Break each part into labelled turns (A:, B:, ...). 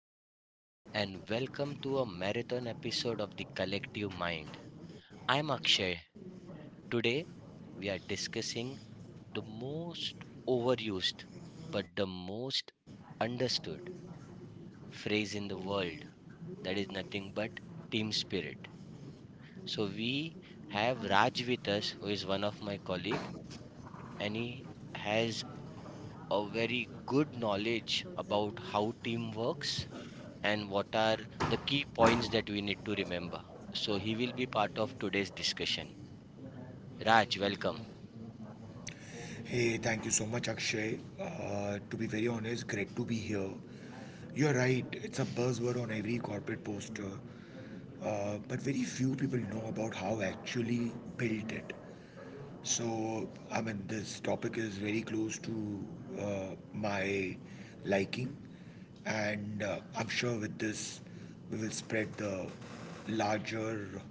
A: Hello, and welcome to a marathon episode of The Collective Mind. I'm Akshay. Today, we are discussing the most overused but the most understood phrase in the world that is nothing but team spirit. So, we have Raj with us, who is one of my colleague, and he has a very good knowledge about how team works and what are the key points that we need to remember. So he will be part of today's discussion. Raj, welcome.
B: Hey, thank you so much, Akshay. To be very honest, great to be here. You're right, it's a buzzword on every corporate poster, but very few people know about how actually built it. So, I mean, this topic is very close to uh, my liking, and I'm sure with this, we will spread the larger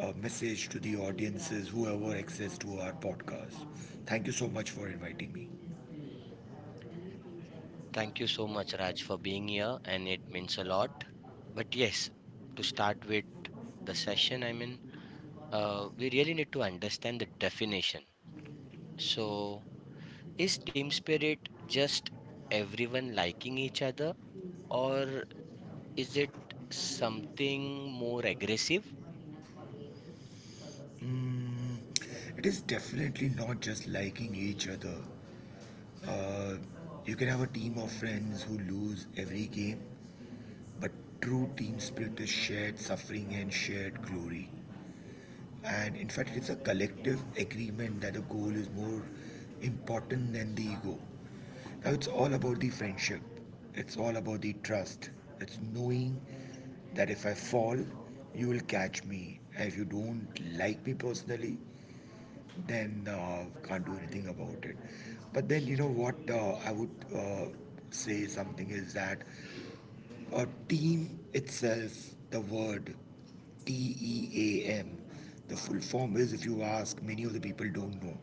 B: message to the audiences, whoever access to our podcast. Thank you so much for inviting me.
A: Thank you so much, Raj, for being here, and it means a lot. But yes, to start with the session, I mean, we really need to understand the definition. So, is team spirit just everyone liking each other, or is it something more aggressive?
B: Mm, it is definitely not just liking each other. Uh, you can have a team of friends who lose every game, but true team spirit is shared suffering and shared glory. And in fact, it is a collective agreement that a goal is more important than the ego. Now, it's all about the friendship, it's all about the trust, it's knowing that if I fall, you will catch me. And if you don't like me personally, then can't do anything about it. But then, you know what? I would uh, say something is that a team itself, the word TEAM, the full form is, if you ask, many of the people don't know.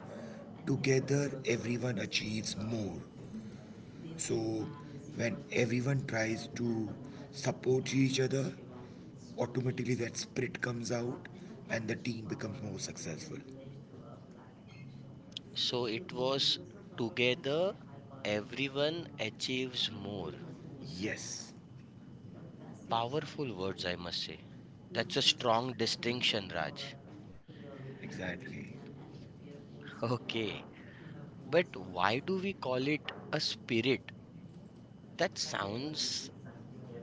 B: Together, everyone achieves more. So, when everyone tries to support each other, automatically that spirit comes out and the team becomes more successful.
A: So it was together everyone achieves more.
B: Yes,
A: Powerful words, I must say. That's a strong distinction, Raj.
B: exactly.
A: Okay. But why do we call it a spirit? That sounds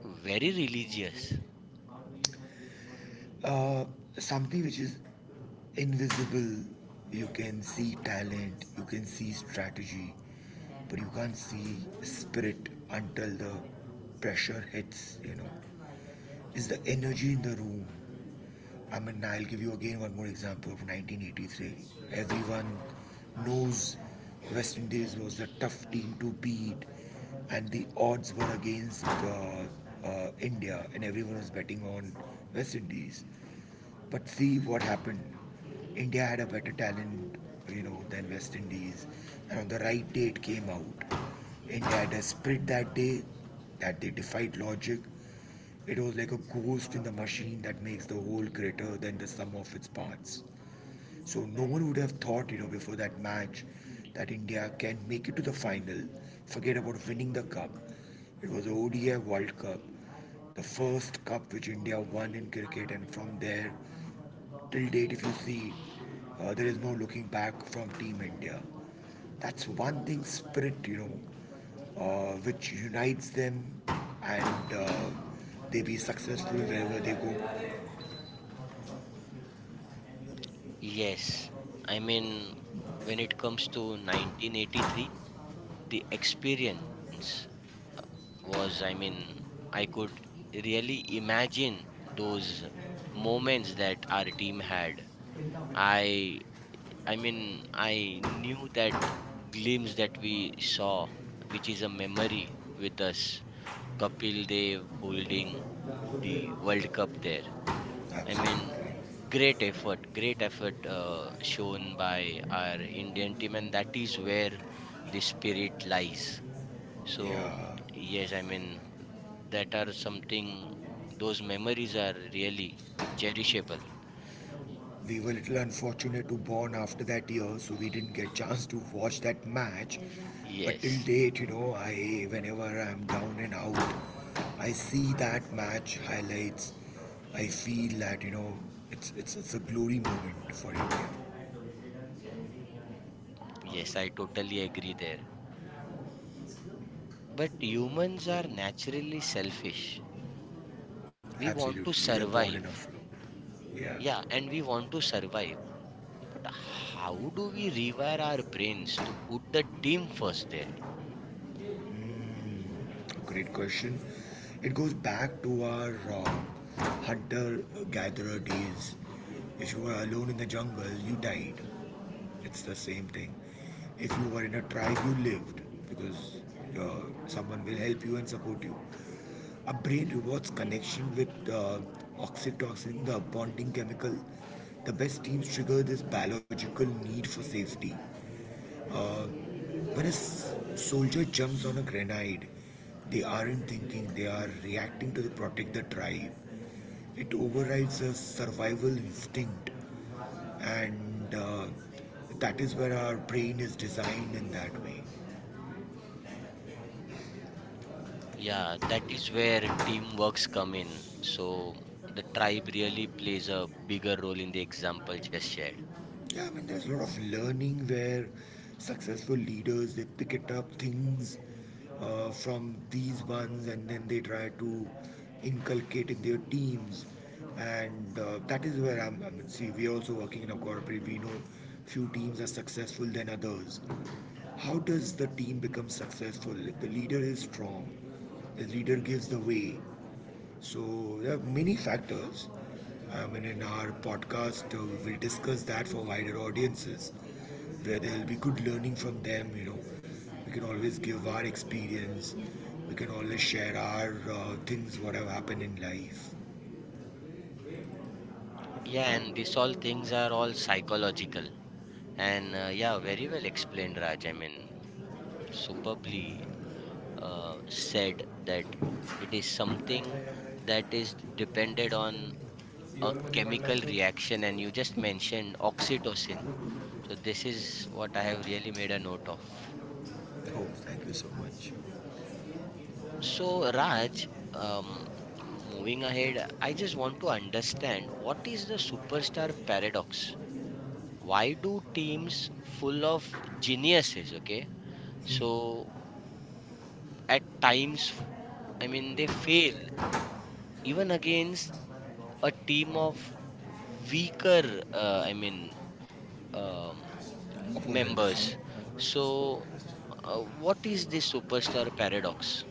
A: very religious.
B: Uh, Something which is invisible, you can see talent, you can see strategy, but you can't see spirit until the pressure hits, you know. Is the energy in the room. I mean, I'll give you again one more example of 1983. Everyone knows West Indies was a tough team to beat, and the odds were against India, and everyone was betting on West Indies. But see what happened. India had a better talent, you know, than West Indies. And on the right day, it came out. India had a spirit that day, that they defied logic. It was like a ghost in the machine that makes the whole greater than the sum of its parts. So no one would have thought, you know, before that match, that India can make it to the final. Forget about winning the cup. It was the ODI World Cup, the first cup which India won in cricket, and from there till date, if you see, there is no looking back from Team India. That's one thing, spirit, you know, which unites them, and they be successful wherever they go.
A: Yes. I mean, when it comes to 1983, the experience was, I mean, I could really imagine those moments that our team had. I I mean I knew that glimpse that we saw, which is a memory with us. Kapil Dev holding the World Cup there. I mean,
B: Absolutely.
A: great effort, great effort, shown by our Indian team, and that is where the spirit lies. So
B: Yeah.
A: yes, I mean that are something. Those memories are really cherishable.
B: We were a little unfortunate to born after that year, so we didn't get chance to watch that match. But till
A: Yes,
B: date, you know, I whenever I'm down and out, I see that match highlights. I feel that, you know, it's a glory moment for India.
A: yes, I totally agree there. But humans are naturally selfish. We want to
B: Absolutely, they're born in
A: survive.
B: Buffalo. Yeah,
A: Yeah, and we want to survive. But how do we rewire our brains to put the team first there?
B: great question. It goes back to our hunter-gatherer days. If you were alone in the jungle, you died. It's the same thing. If you were in a tribe, you lived because someone will help you and support you. Our brain rewards connection with oxytocin, the bonding chemical. The best teams trigger this biological need for safety. Uh, when a soldier jumps on a grenade, they aren't thinking, they are reacting to protect the tribe. It overrides a survival instinct, and that is where our brain is designed in that way.
A: Yeah, that is where teamworks come in. So the tribe really plays a bigger role in the example just shared.
B: Yeah, I mean, there's a lot of learning where successful leaders, they pick it up things from these ones, and then they try to inculcate in their teams, and that is where I mean, see, we are also working in a corporate, we know few teams are successful than others. How does the team become successful? If the leader is strong, the leader gives the way. So there are many factors. I mean, in our podcast, we will discuss that for wider audiences, where there will be good learning from them. You know, we can always give our experience. We can always share our things what have happened in life.
A: Yeah, and these all things are all psychological. And yeah, very well explained, Raj. I mean, superbly. Said that it is something that is depended on a
B: Oh,
A: chemical reaction, and you just mentioned oxytocin. So this is what I have really made a note of
B: thank you so much.
A: so Raj, moving ahead, I just want to understand: what is the superstar paradox? Why do teams full of geniuses, okay, so at times, I mean, they fail even against a team of weaker, I mean, um,
B: Opponents.
A: members. So what is this superstar paradox?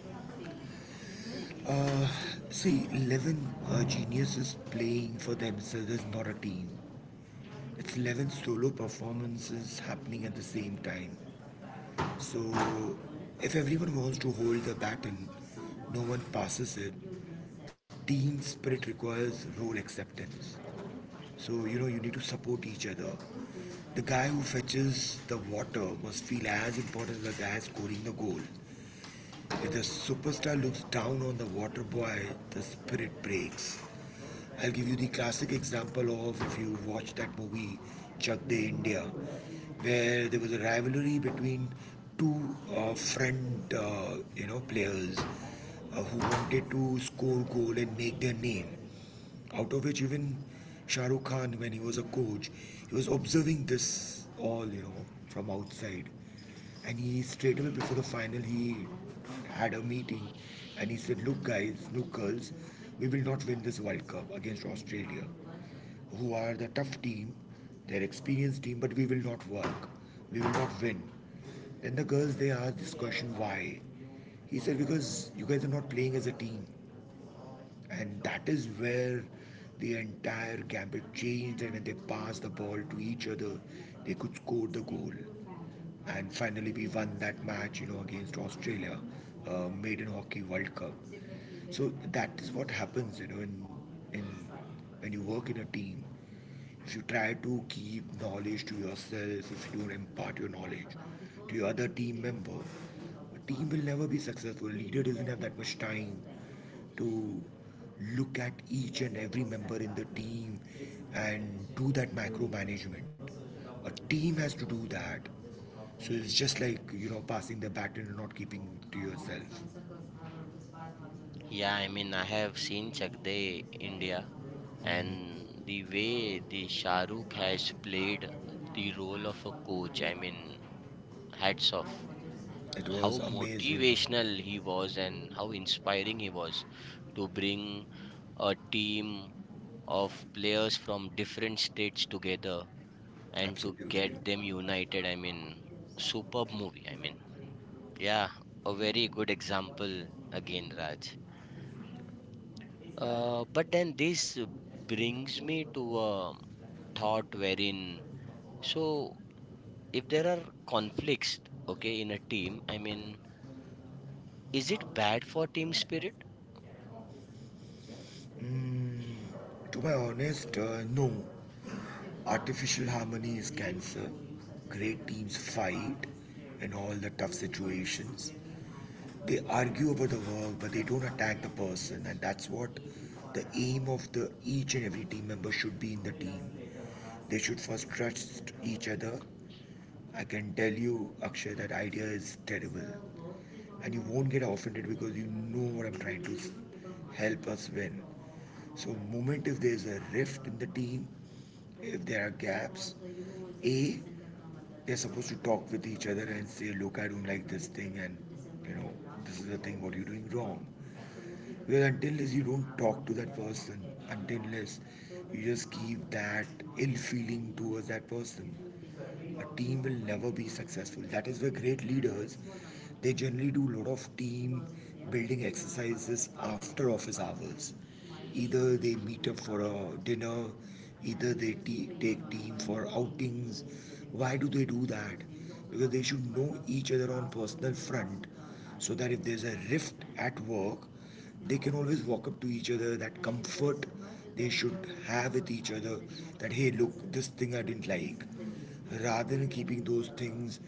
B: See, 11 geniuses playing for themselves, not a team. It's 11 solo performances happening at the same time. So, if everyone wants to hold the baton, no one passes it. Team spirit requires role acceptance. So, you know, you need to support each other. The guy who fetches the water must feel as important as the guy scoring the goal. If the superstar looks down on the water boy, the spirit breaks. I'll give you the classic example of, if you watch that movie Chak De India, where there was a rivalry between two friend you know players who wanted to score goal and make their name, out of which even Shah Rukh Khan, when he was a coach, he was observing this all, you know, from outside. And he straight away, before the final, he had a meeting and he said, "Look, guys, look, girls, we will not win this World Cup against Australia, who are the tough team, their experienced team, but we will not work. We will not win." Then the girls, they asked this question, why? He said, "Because you guys are not playing as a team." And that is where the entire gambit changed, and when they passed the ball to each other, they could score the goal. And finally, we won that match, you know, against Australia, Maiden Hockey World Cup. So that is what happens, you know, in when you work in a team. If you try to keep knowledge to yourself, if you don't impart your knowledge to your other team member, a team will never be successful. A leader doesn't have that much time to look at each and every member in the team and do that micromanagement. A team has to do that. So it's just like, you know, passing the baton and not keeping it to yourself.
A: Yeah, I mean I have seen Chakde India, and the way the Shahrukh has played the role of a coach, I mean, hats off.
B: It
A: How
B: was amazing,
A: motivational he was and how inspiring he was to bring a team of players from different states together and to
B: absolutely.
A: get them united. I mean, superb movie. I mean, yeah, a very good example again, Raj. But then this brings me to a thought wherein, so if there are conflicts, okay, in a team, I mean, is it bad for team spirit?
B: Mm, to be honest, no. Artificial harmony is cancer. Great teams fight in all the tough situations. They argue about the work, but they don't attack the person, and that's what the aim of the each and every team member should be in the team. They should first trust each other. I can tell you, Akshay, that idea is terrible, and you won't get offended because you know what, I'm trying to help us win. So, moment if there's a rift in the team, if there are gaps, a they're supposed to talk with each other and say, look, I don't like this thing, and you know, this is the thing. What you're doing wrong. Because until less you don't talk to that person, until less you just keep that ill feeling towards that person, a team will never be successful. That is where great leaders, they generally do a lot of team building exercises after office hours. Either they meet up for a dinner, either they take team for outings. Why do they do that? Because they should know each other on personal front, so that if there's a rift at work, they can always walk up to each other. That comfort they should have with each other, that, hey, look, this thing I didn't like, rather than keeping those things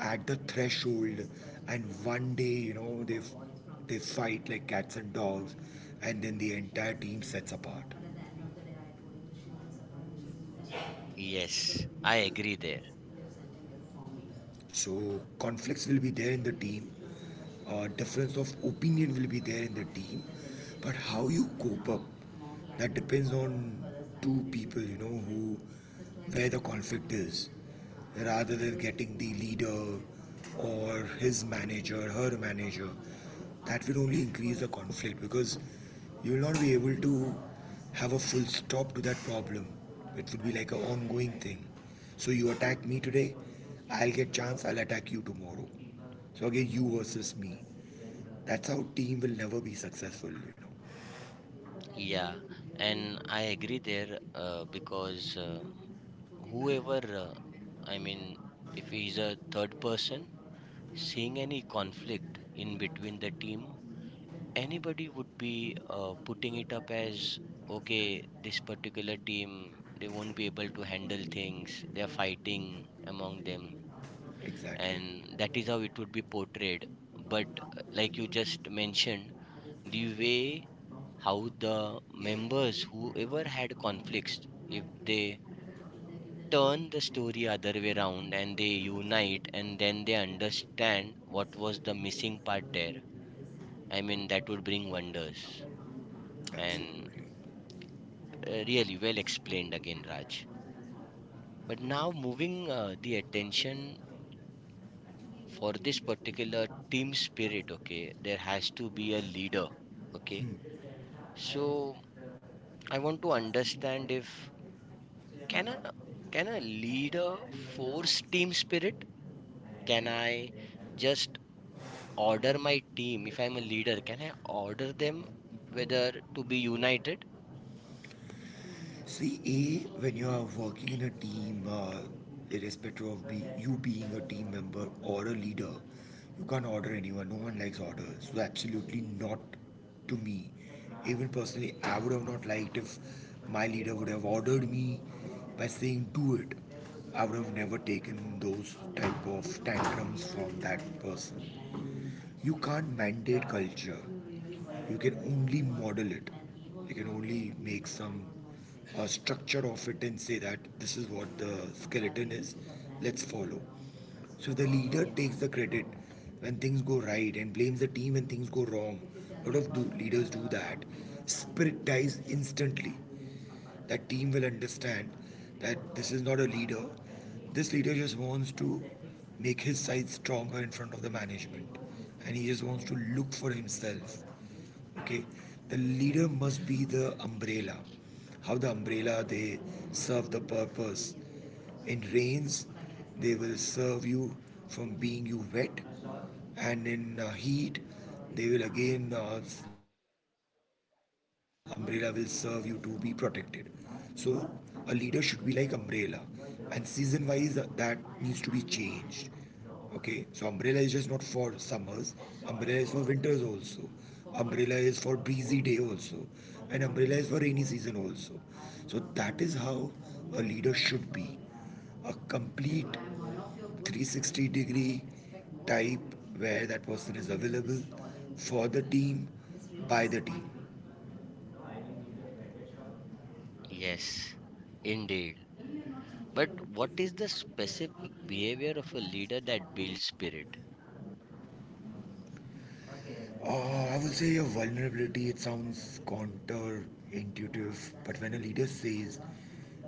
B: at the threshold, and one day, you know, they fight like cats and dogs, and then the entire team sets apart.
A: Yes, I agree there.
B: So conflicts will be there in the team, difference of opinion will be there in the team, but how you cope up, that depends on two people, you know, who, where the conflict is, rather than getting the leader or his manager, her manager. That will only increase the conflict because you will not be able to have a full stop to that problem. It would be like an ongoing thing. So you attack me today, I'll get chance, I'll attack you tomorrow. So again, you versus me. That's how team will never be successful, you know. really,
A: Yeah,
B: really
A: and I agree there, because, whoever, I mean, if he's a third person seeing any conflict in between the team, anybody would be, putting it up as okay, this particular team, they won't be able to handle
B: Like
A: things, they're fighting among them,
B: exactly.
A: and that is how it would be portrayed. But like you just mentioned, the way how the members whoever had conflicts, if they turn the story other way around and they unite and then they understand what was the missing part there, I mean, that would bring wonders. And
B: Absolutely.
A: really well explained again, Raj. But now moving the attention for this particular team spirit, okay, there has to be a leader, okay. So I want to understand if can a can a leader force team spirit? Can I just order my team if I'm a leader? Can I order them whether to be united?
B: See, A, when you are working in a team, irrespective of be, you being a team member or a leader, you can't order anyone. No one likes orders. So, absolutely not to me. Even personally, I would have not liked if my leader would have ordered me by saying, do it. I would have never taken those type of tantrums from that person. You can't mandate culture, you can only model it. You can only make some structure of it and say that this is what the skeleton is, let's follow. So the leader takes the credit when things go right and blames the team when things go wrong. A lot of leaders do that. Spirit dies instantly. That team will understand that this is not a leader. This leader just wants to make his side stronger in front of the management, and he just wants to look for himself. Okay, the leader must be the umbrella. How the umbrella they serve the purpose. In rains, they will serve you from being you wet, and in heat, they will again umbrella will serve you to be protected. So a leader should be like umbrella, and season wise that needs to be changed. Okay, so umbrella is just not for summers. Umbrella is for winters also. Umbrella is for breezy day also. And umbrella is for rainy season also. So that is how a leader should be. A complete 360 degree type where that person is available for the team, by the team.
A: Yes, indeed. But what is the specific behavior of a leader that builds spirit?
B: I would say your vulnerability, it sounds counterintuitive, but when a leader says,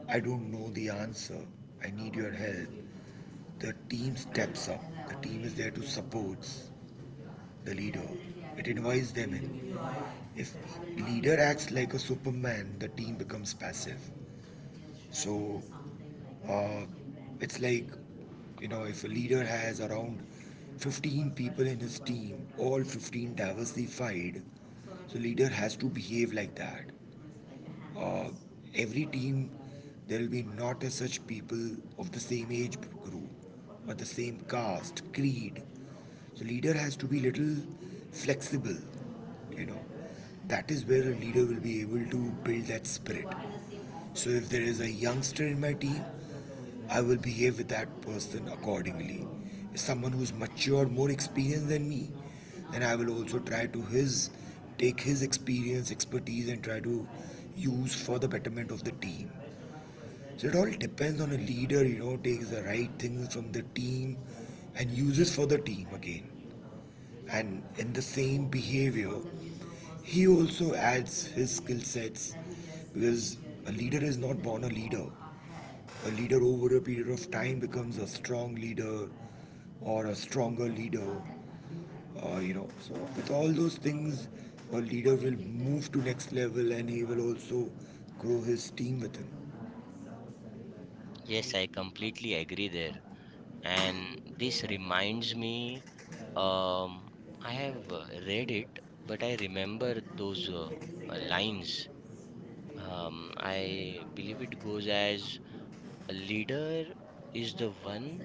B: I don't know the answer. I need your help. The team steps up. The team is there to support the leader. It advises them in. If leader acts like a superman, the team becomes passive. So uh, it's like, if a leader has around 15 people in his team, all 15 diversified, so leader has to behave like that. uh, every team there will be not as such people of the same age group or the same caste creed, so leader has to be little flexible, you know. That is where a leader will be able to build that spirit. So if there is a youngster in my team, I will behave with that person accordingly. If someone who's matured, more experienced than me, then I will also try to his take his experience, expertise, and try to use for the betterment of the team. So it all depends on a leader, you know, takes the right things from the team and uses for the team again. And in the same behavior, he also adds his skill sets because a leader is not born a leader. A leader over a period of time becomes a strong leader, or a stronger leader. So with all those things, a leader will move to next level, and he will also grow his team with him.
A: Yes, I completely agree there. And this reminds me, um, I have read it, but I remember those lines. I believe it goes as: a leader is the one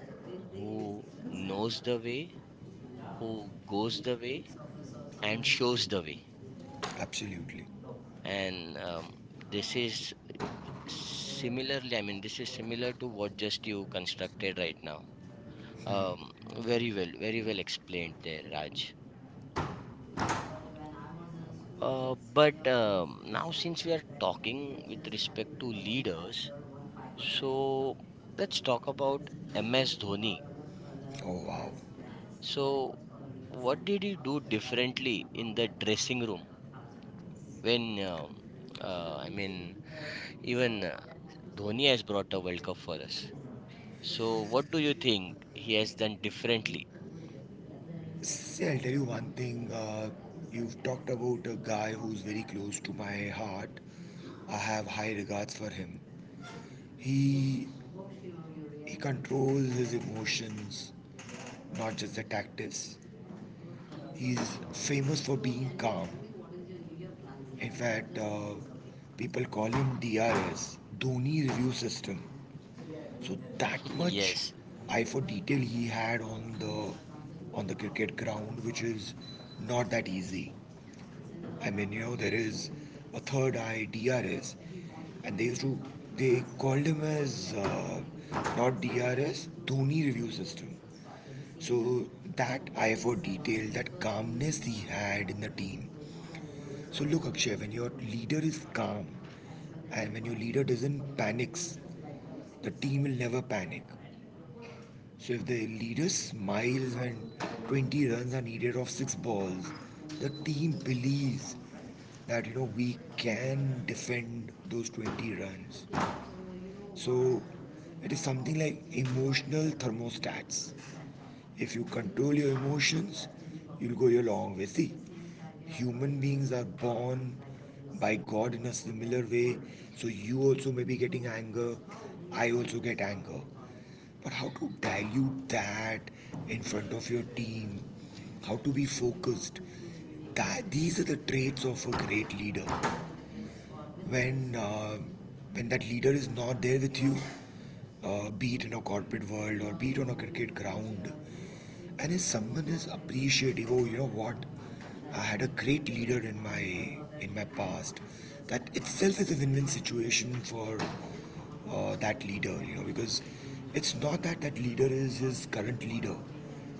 A: who knows the way, who goes the way, and shows the way.
B: Absolutely.
A: And this is similarly, I mean, this is similar to what just you constructed right now. Um, Very well, very well explained there, Raj. But now, since we are talking with respect to leaders, so let's talk about MS Dhoni.
B: Oh, wow.
A: So, what did he do differently in the dressing room when, I
B: So
A: mean, even Dhoni has brought a World Cup for us? So, what do you think he has done differently?
B: see, I'll tell you one thing. You've talked about a guy who's very close to my heart. I have high regards for him. He he controls his emotions, not just the tactics. He's famous for being calm. In fact, people call him DRS, Dhoni Review System. So that much
A: Yes,
B: eye for detail he had on the cricket ground, which is not that easy. I mean, you know, there is a third eye, DRS, and they used to they called him as not DRS, Dhoni Review System. So that eye for detail, that calmness he had in the team. So look, Akshay, when your leader is calm, and when your leader doesn't panics, the team will never panic. So if the leader smiles when 20 runs are needed off 6 balls, the team believes that you know we can defend those 20 runs. So it is something like emotional thermostats. If you control your emotions, you'll go your long way. See, human beings are born by God in a similar way. So you also may be getting anger. I also get anger. But how to dilute that in front of your team? How to be focused? That, these are the traits of a great leader. When uh, when that leader is not there with you, be it in a corporate world or be it on a cricket ground, and if someone is appreciative, oh, you know what? I had a great leader in my past. That itself is a win-win situation for that leader, you know, because it's not that that leader is his current leader.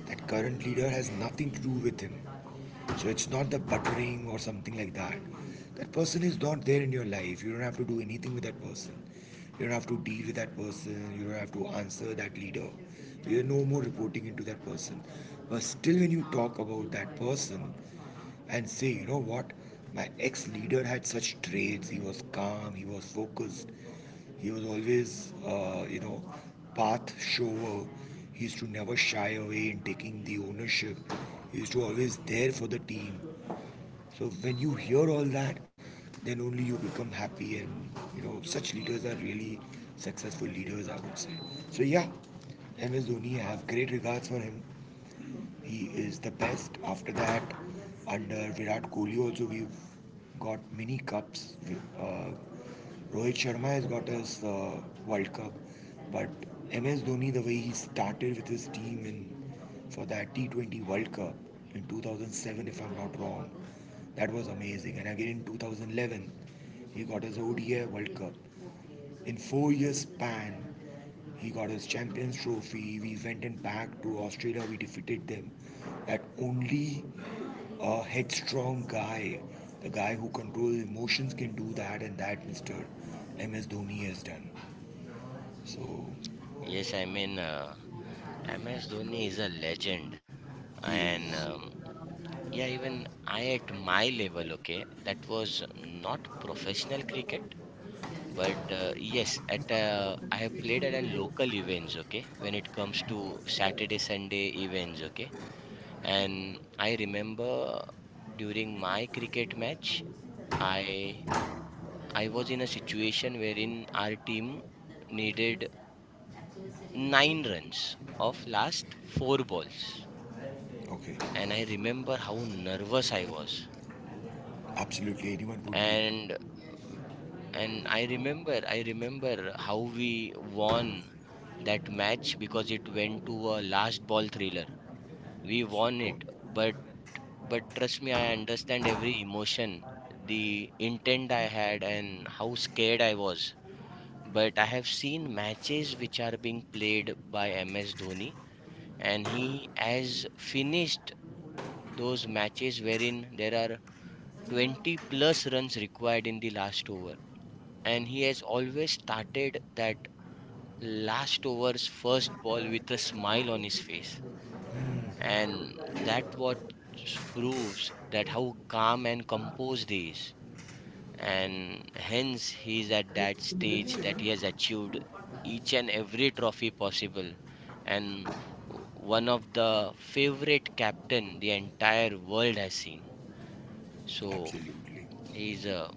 B: That current leader has nothing to do with him. So it's not the buttering or something like that. That person is not there in your life. You don't have to do anything with that person. You don't have to deal with that person. You don't have to answer that leader. So you're no more reporting into that person. But still, when you talk about that person and say, you know what, my ex leader had such traits. He was calm, he was focused, he was always, path shower. He used to never shy away in taking the ownership. He used to always there for the team. So when you hear all that, then only you become happy, and you know such leaders are really successful leaders, I would say. So yeah, MS Dhoni, I have great regards for him. He is the best. After that, under Virat Kohli also we've got mini cups. Uh, Rohit Sharma has got us World Cup, but MS Dhoni, the way he started with his team in for that T20 World Cup in 2007, if I'm not wrong, that was amazing. And again in 2011, he got us ODI World Cup. In 4 years span, he got his Champions Trophy. We went and back to Australia. We defeated them. That only a headstrong guy, the guy who controls emotions, can do that, and that Mr. MS Dhoni has done. So
A: yes, I mean, MS Dhoni is a legend.
B: he
A: And
B: is
A: yeah, even I at my level, okay, that was not professional cricket, but yes, at I have played at a local events, okay, when it comes to Saturday, Sunday events, okay, and I remember during my cricket match, I I was in a situation wherein our team needed nine runs of last four balls.
B: okay.
A: And I remember how nervous I was.
B: Absolutely, anyone would be
A: And I remember, how we won that match because it went to a last ball thriller. We won
B: super.
A: it, but trust me, I understand every emotion, the intent I had, and how scared I was. But I have seen matches which are being played by MS Dhoni, and he has finished those matches wherein there 20 plus runs required in the last over, and he has always started that last over's first ball with a smile on his face. And that what proves that how calm and composed he is, and hence he is at that stage that he has achieved each and every trophy possible, and one of the favorite captain the entire world has seen. So
B: Absolutely,
A: he's a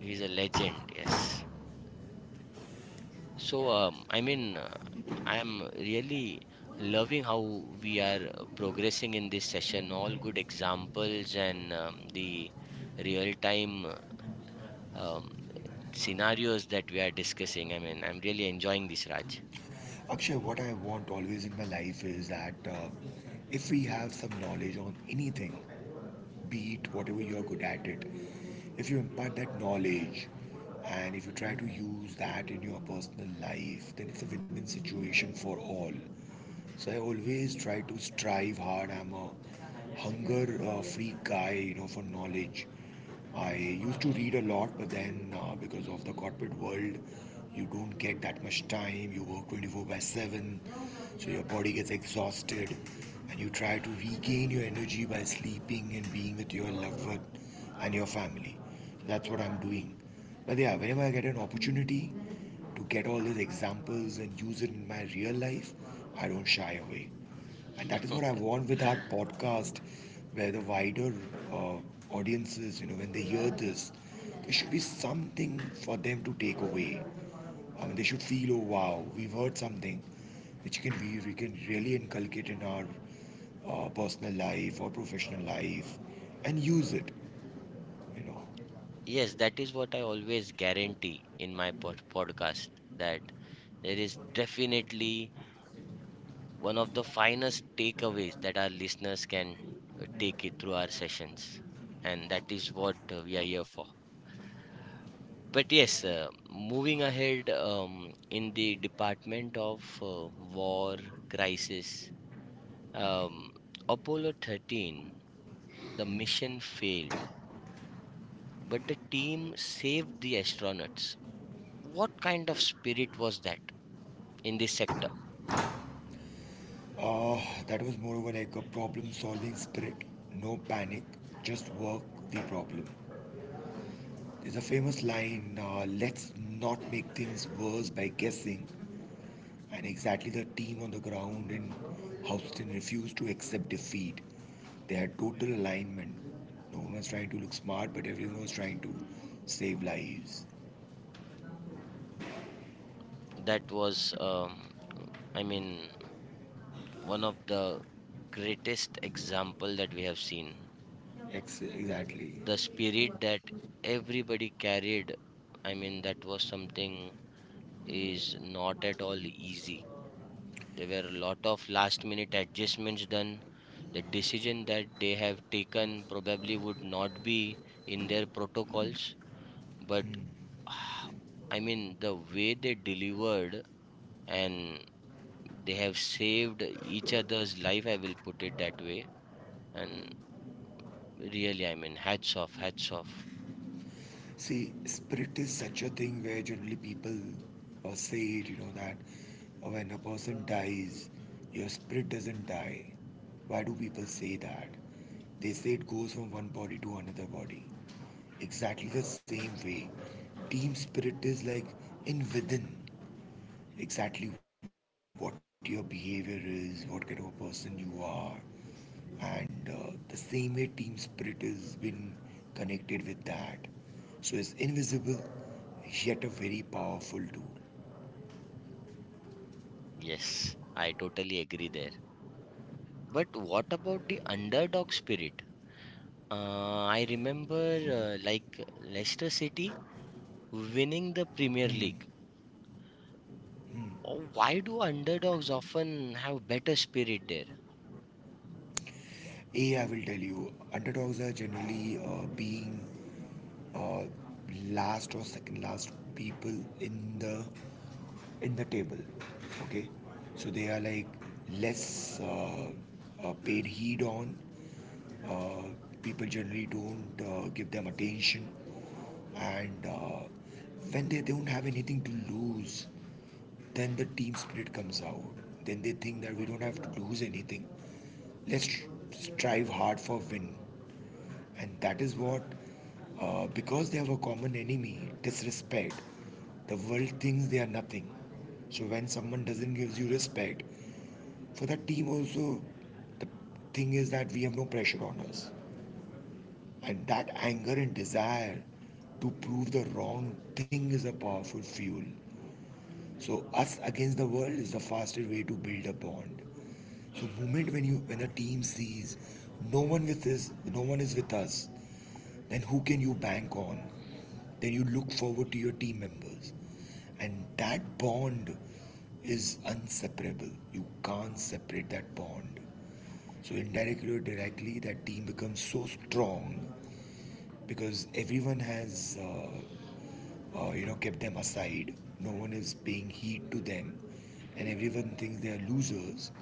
A: legend, yes. So, I mean, I'm really loving how we are progressing in this session. All good examples and the real-time uh, um, scenarios that we are discussing. I mean, I'm really enjoying this, Raj.
B: Akshay. What I want always in my life is that if we have some knowledge on anything, beat whatever you're good at it, if you impart that knowledge and if you try to use that in your personal life, then it's a win-win situation for all. So I always try to strive hard. I'm a hunger freak guy, you know, for knowledge. I used to read a lot, but then because of the corporate world, you don't get that much time. You work 24 by 7, so your body gets exhausted, and you try to regain your energy by sleeping and being with your loved one and your family. So that's what I'm doing. But yeah, whenever I get an opportunity to get all these examples and use it in my real life, I don't shy away. And that is what I want with our podcast, where the wider uh, audiences, you know, when they hear this, there should be something for them to take away. I mean, they should feel, oh wow, we've heard something which we can really inculcate in our personal life or professional life and use it, you know.
A: Yes, that is what I always guarantee in my podcast that there is definitely one of the finest takeaways that our listeners can take it through our sessions. And that is what we are here for. But yes, moving ahead, in the Department of War Crisis, um, Apollo 13, the mission failed, but the team saved the astronauts. What kind of spirit was that in this sector?
B: Uh, that was more of like a problem solving spirit. No panic, just work the problem. There's a famous line, let's not make things worse by guessing. And exactly the team on the ground in Houston refused to accept defeat. They had total alignment. No one was trying to look smart, but everyone was trying to save lives.
A: That was, I mean, one of the greatest example that we have seen.
B: Exactly.
A: The spirit that everybody carried, I mean, that was something, is not at all easy. There were a lot of last minute adjustments done. The decision that they have taken probably would not be in their protocols, but I mean, the way they delivered and they have saved each other's life, I will put it that way. And really, I mean, hats off, hats off.
B: See, spirit is such a thing where generally people say it, you know, that when a person dies, your spirit doesn't die. Why do people say that? They say it goes from one body to another body. Exactly the same way. Team spirit is like in within exactly what your behavior is, what kind of a person you are, and the same way team spirit has been connected with that. So it's invisible yet a very powerful tool.
A: Yes, I totally agree there. But what about the underdog spirit? I remember, like Leicester City winning the Premier League. Oh, why do underdogs often have better spirit there?
B: A, I will tell you, underdogs are generally being uh, last or second last people in the table, okay. So they are like less paid heed on, uh, people generally don't give them attention. And when they don't have anything to lose, then the team spirit comes out. Then they think that we don't have to lose anything, let's strive hard for win. And that is what, because they have a common enemy, disrespect, the world thinks they are nothing. So when someone doesn't give you respect, for the team also, the thing is that we have no pressure on us. And that anger and desire to prove the wrong thing is a powerful fuel. So us against the world is the fastest way to build a bond. So moment when you when a team sees no one with this, no one is with us, then who can you bank on? Then you look forward to your team members. And that bond is inseparable. You can't separate that bond. So, indirectly or directly, that team becomes so strong because everyone has, you know, kept them aside. No one is paying heed to them, and everyone thinks they are losers.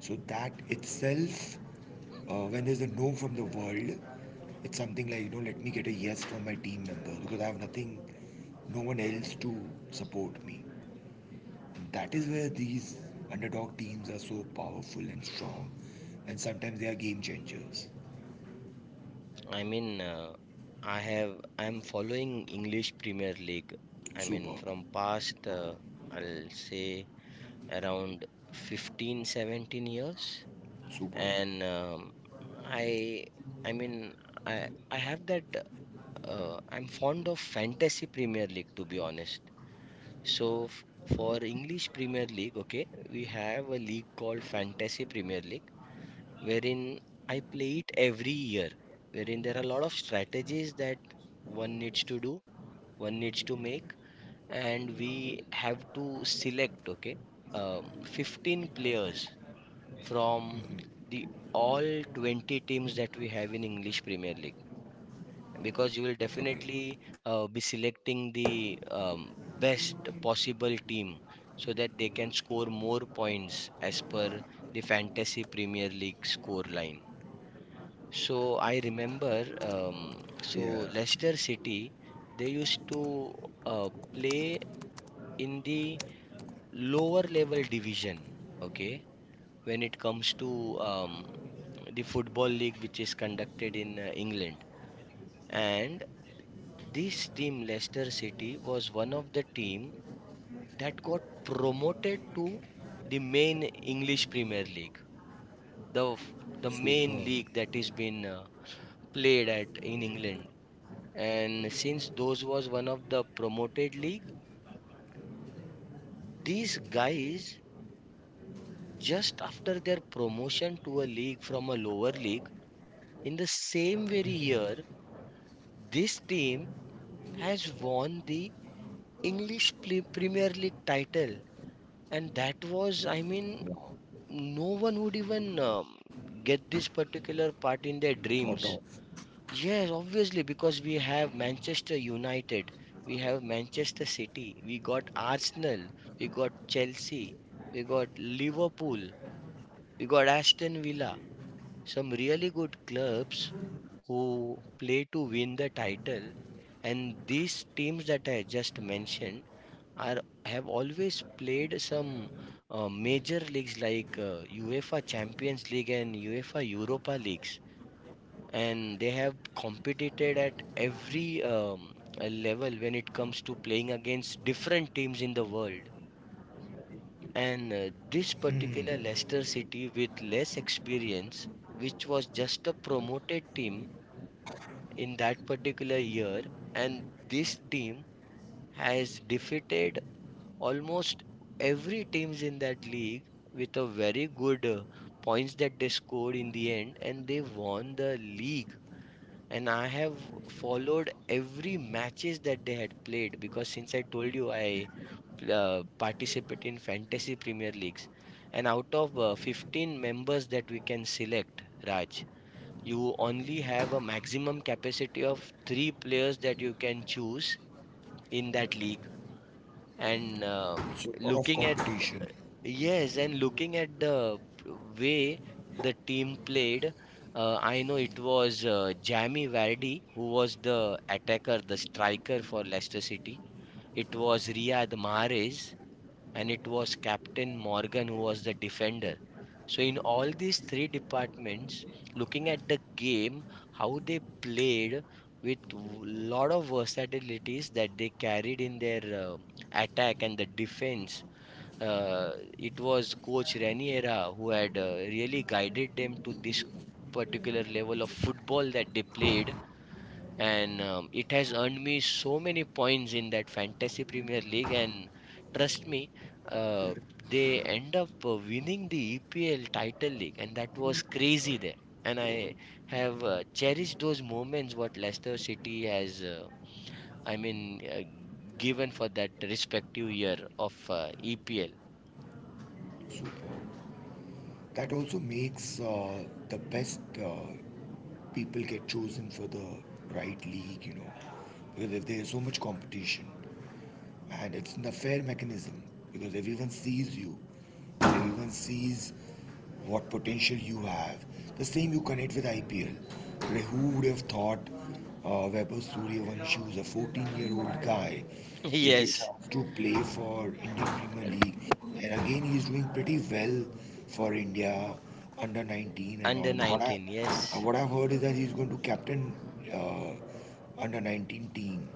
B: So that itself, when there's a no from the world, it's something like, you know, let me get a yes from my team member because I have nothing, no one else to support me. And that is where these underdog teams are so powerful and strong, and sometimes they are game changers.
A: I mean, I'm following English Premier League. I mean,
B: Superb,
A: from past I'll say around 15, 17 years.
B: superb.
A: And I I mean I have that I'm fond of Fantasy Premier League, to be honest. So for English Premier League, okay, we have a league called Fantasy Premier League, wherein I play it every year, wherein there are a lot of strategies that one needs to do, one needs to make. And we have to select, okay, 15 players from the all 20 teams that we have in English Premier League, because you will
B: Okay,
A: definitely be selecting the best possible team so that they can score more points as per the Fantasy Premier League score line. So I remember,
B: yeah,
A: so Leicester City, they used to play in the lower level division, okay, when it comes to the Football League, which is conducted in England. And this team, Leicester City, was one of the team that got promoted to the main English Premier League, the f-
B: superb.
A: the main league that is been played at in England. And since those was one of the promoted league, these guys just after their promotion to a league from a lower league, in the same very year, this team has won the English Premier League title, and that was
B: Wow,
A: no one would even get this particular
B: thought of.
A: part in their dreams. Yes, obviously, because we have Manchester United, we have Manchester City, we got Arsenal, we got Chelsea, we got Liverpool, we got Aston Villa, some really good clubs who play to win the title. And these teams that I just mentioned are have always played some major leagues like UEFA Champions League and UEFA Europa Leagues, and they have competed at every level when it comes to playing against different teams in the world. And this particular Leicester City, with less experience, which was just a promoted team in that particular year, and this team has defeated almost every teams in that league with a very good points that they scored in the end, and they won the league. And I have followed every matches that they had played, because since I told you, I participate in fantasy premier leagues. And out of 15 members that we can select, Raj, you only have a maximum capacity of 3 players that you can choose in that league. And
B: So a lot of
A: looking at
B: competition.
A: yes, and looking at the way the team played. I know it was Jamie Vardy who was the attacker, the striker for Leicester City. It was Riyad Mahrez, and it was Captain Morgan who was the defender. So in all these three departments, looking at the game, how they played with lot of versatilities that they carried in their attack and the defense, it was Coach Raniera who had really guided them to this particular level of football that they played. And it has earned me so many points in that fantasy Premier League. And trust me, uh, they end up winning the EPL title league, and that was crazy there. And I have cherished those moments what Leicester City has, I mean, uh, given for that respective year of EPL.
B: So that also makes the best. People get chosen for the right league, you know. Because if there's so much competition, and it's an affair mechanism because everyone sees you, everyone sees what potential you have, the same you connect with IPL. Like, who would have thought Vaibhav Suryavanshi, who's a 14-year-old guy, will get
A: Yes.
B: chance to play for Indian Premier League, and again he's doing pretty well for India under 19 and all.
A: Under
B: And
A: 19, yes.
B: what I've heard is that he's going to captain uh, under 19 team.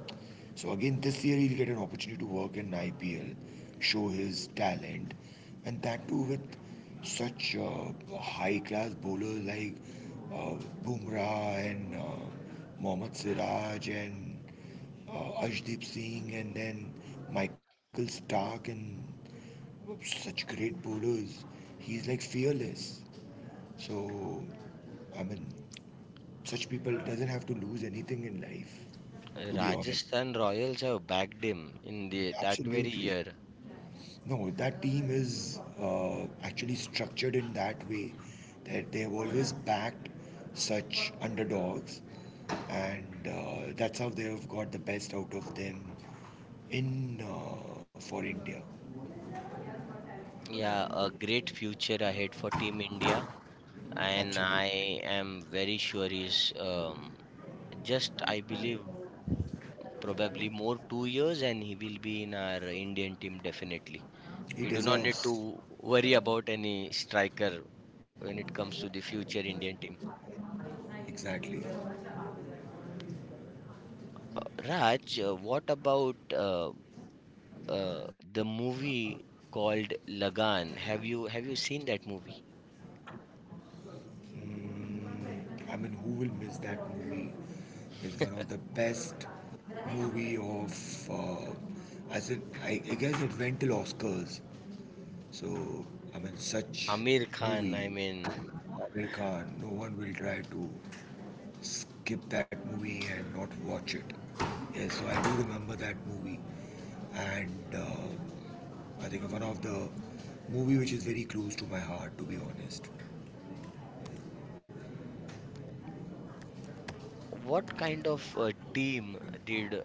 B: So again, this year he'll get an opportunity to work in IPL, show his talent, and that too with such high class bowlers like uh, Bumrah and Mohammad Siraj and Ashdeep Singh and then Michael Stark and such great bowlers. He's like fearless. So, I mean, such people doesn't have to lose anything in life, to be honest.
A: Rajasthan Royals have backed him in the that very
B: Absolutely.
A: year.
B: No, that team is actually structured in that way that they have always backed such underdogs, and that's how they have got the best out of them in for india.
A: Yeah, a great future ahead for Team India, and I
B: Absolutely.
A: am very sure he's just I believe probably more 2 years, and he will be in our Indian team definitely. We
B: He
A: do not need
B: deserves.
A: to worry about any striker when it comes to the future Indian team.
B: Exactly.
A: Raj, what about uh, the movie called Lagan. Have you seen that movie?
B: Mm, I mean, who will miss that movie? It's one of the best movie of. I said, I guess it went till Oscars. So, I mean, such
A: Amir Khan, I
B: movie,
A: mean,
B: Amir Khan, no one will try to skip that movie and not watch it. Yes, so I do remember that movie, and uh, I think one of the movie which is very close to my heart, to be honest.
A: what kind of team did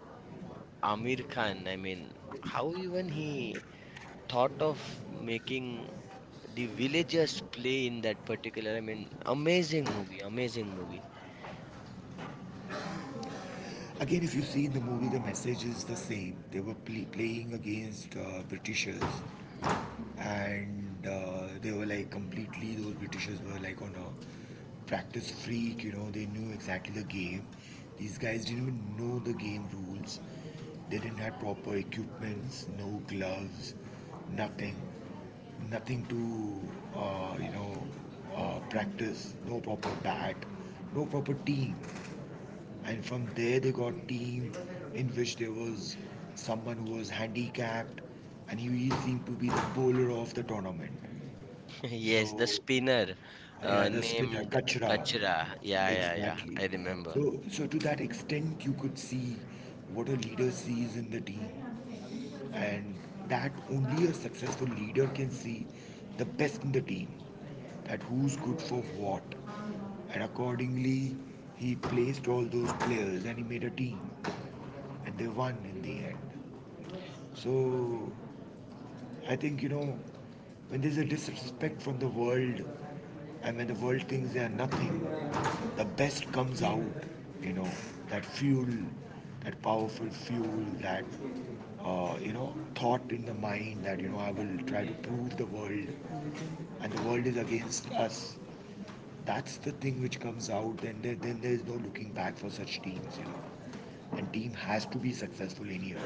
A: Amir Khan, I mean, how even he thought of making the villagers play in that particular, I mean, amazing movie, amazing movie.
B: Again, if you see in the movie, the message is the same. They were playing against Britishers, and they were like completely. Those Britishers were like on a practice freak. You know, they knew exactly the game. These guys didn't even know the game rules. They didn't have proper equipments, no gloves, nothing, nothing to you know, practice, no proper bat, no proper team, and from there they got team in which there was someone who was handicapped, and he seemed to be the bowler of the tournament.
A: Yes, the
B: So
A: spinner
B: yeah, the spinner
A: named
B: kachra.
A: Kachra. Yeah, yeah, yeah,
B: Exactly.
A: I remember.
B: So, to that extent you could see what a leader sees in the team, and that only a successful leader can see the best in the team, that who's good for what, and accordingly he placed all those players and he made a team, and they won in the end. So I think, you know, when there's a disrespect from the world and when the world thinks they are nothing, the best comes out. You know, that fuel, that powerful fuel, that you know, thought in the mind that, you know, I will try to prove the world, and the world is against us. That's the thing which comes out. Then there is no looking back for such teams. You know, and team has to be successful in here.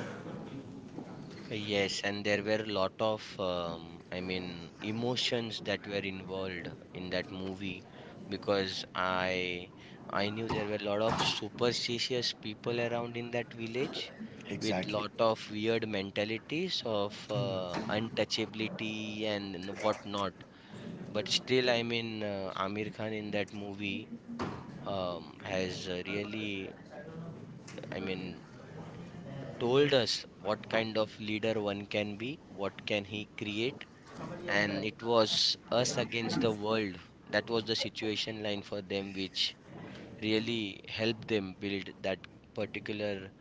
A: Yes, and there were a lot of, I mean, emotions that were involved in that movie, because I knew there were a lot of superstitious people around in that village with
B: Exactly.
A: lot of weird mentalities of untouchability and whatnot. But still, I mean, Amir Khan in that movie has really, I mean, told us what kind of leader one can be, what can he create, and it was us against the world. That was the situation line for them, which really helped them build that particular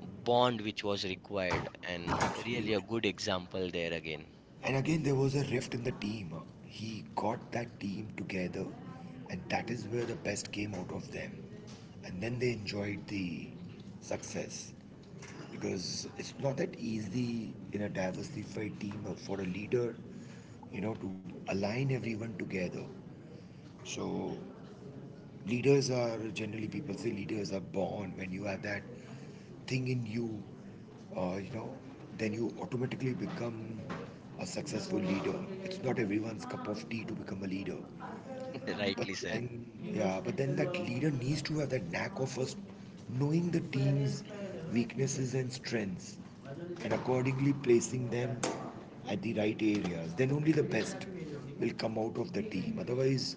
A: bond which was required, and really a
B: Absolute.
A: good example there again.
B: And again, there was a rift in the team. He got that team together, and that is where the best came out of them. And then they enjoyed the success, because it's not that easy in a diversified team or for a leader, you know, to align everyone together. So leaders are generally people say leaders are born when you have that thing in you. You know, then you automatically become a successful leader. It's not everyone's cup of tea to become a leader. But
A: Rightly said.
B: then, yeah, but then that leader needs to have that knack of first knowing the team's weaknesses and strengths, and accordingly placing them at the right areas. Then only the best will come out of the team, otherwise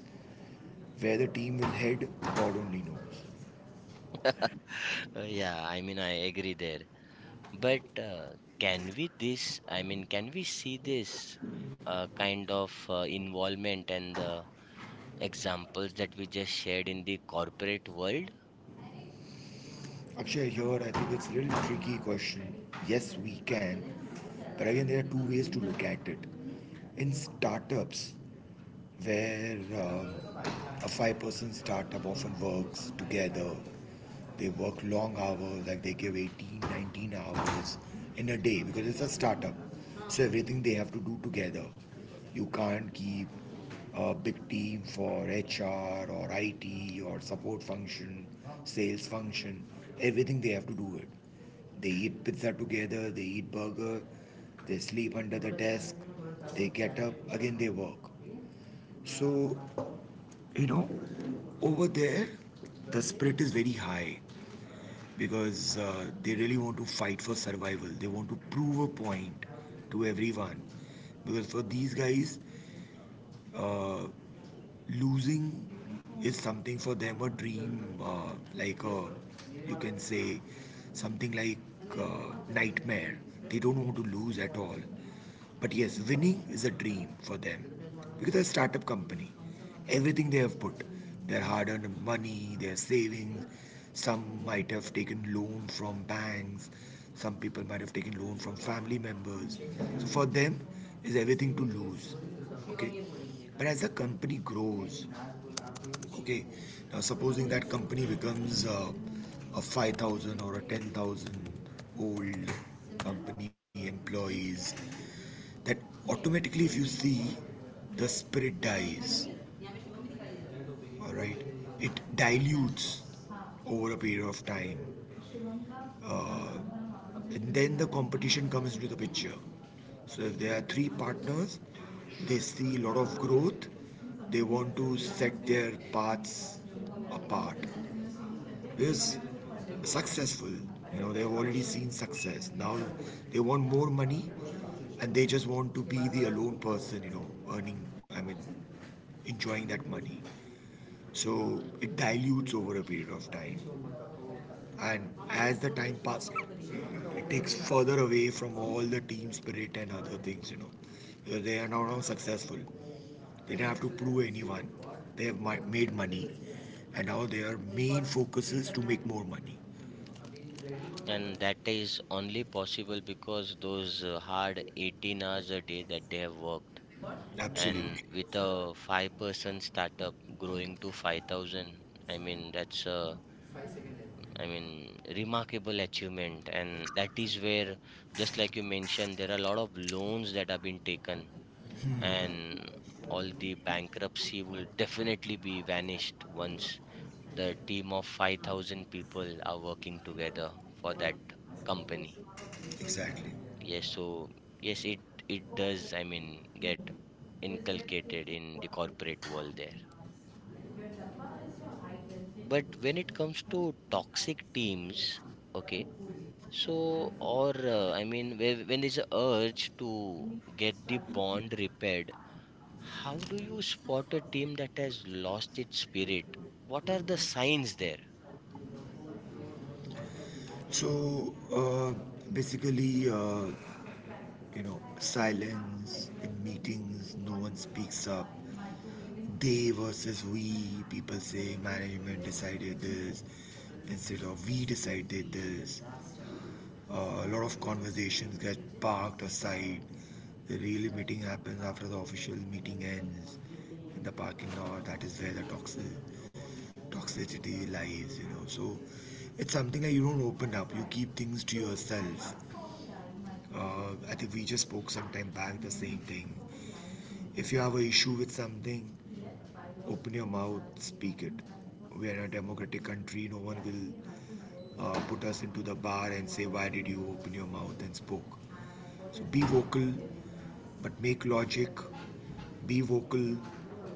B: where the team will head, God only knows.
A: Yeah, I mean, I agree there, but can we this can we see this kind of involvement and the examples that we just shared in the corporate world?
B: Akshay, here I think it's a little tricky question. Yes, we can, but again, there are two ways to look at it. In startups, where a five-person startup often works together. They work long hours, like they give 18, 19 hours in a day because it's a startup. So everything they have to do together. You can't keep a big team for HR or IT or support function, sales function. Everything they have to do it. They eat pizza together, they eat burger, they sleep under the desk, they get up, again they work. So, you know, over there, the spirit is very high, because they really want to fight for survival. They want to prove a point to everyone, because for these guys, uh, losing is something for them a dream, like a, you can say something like nightmare. They don't want to lose at all. But yes, winning is a dream for them, because they're a startup company. Everything they have put, their hard earned money, their savings, some might have taken loan from banks, some people might have taken loan from family members. So for them, is everything to lose. Okay. But as the company grows, okay, now supposing that company becomes a 5,000 or a 10,000 old company employees, that automatically if you see, the spirit dies. All right, it dilutes over a period of time, and then the competition comes into the picture. So if there are 3 partners, they see a lot of growth, they want to set their paths apart. Is successful, you know, they've already seen success. Now they want more money, and they just want to be the alone person, you know, earning, I mean, enjoying that money. So it dilutes over a period of time. And as the time passes, it takes further away from all the team spirit and other things, you know. So they are now successful. They don't have to prove anyone. They have made money. And now their main focus is to make more money.
A: And that is only possible because those hard 18 hours a day that they have worked, and
B: Absolutely.
A: with a 5-person startup growing to 5,000. I mean, that's a, I mean, remarkable achievement. And that is where, just like you mentioned, there are a lot of loans that have been taken, and all the bankruptcy will definitely be vanished once the team of 5,000 people are working together for that company.
B: Exactly.
A: Yes, so yes, it does, I mean, get inculcated in the corporate world there. But when it comes to toxic teams, okay, so or I mean, where, when there's a urge to get the bond repaired, how do you spot a team that has lost its spirit? What are the signs there?
B: So basically, you know, silence in meetings, no one speaks up. They versus we. People say management decided this instead of we decided this. A lot of conversations get parked aside. The real meeting happens after the official meeting ends in the parking lot. That is where the toxicity lies, you know. So it's something that you don't open up. You keep things to yourself. I think we just spoke some time back the same thing. If you have an issue with something, open your mouth, speak it. We are in a democratic country. No one will put us into the bar and say, "Why did you open your mouth and spoke?" So be vocal, but make logic. Be vocal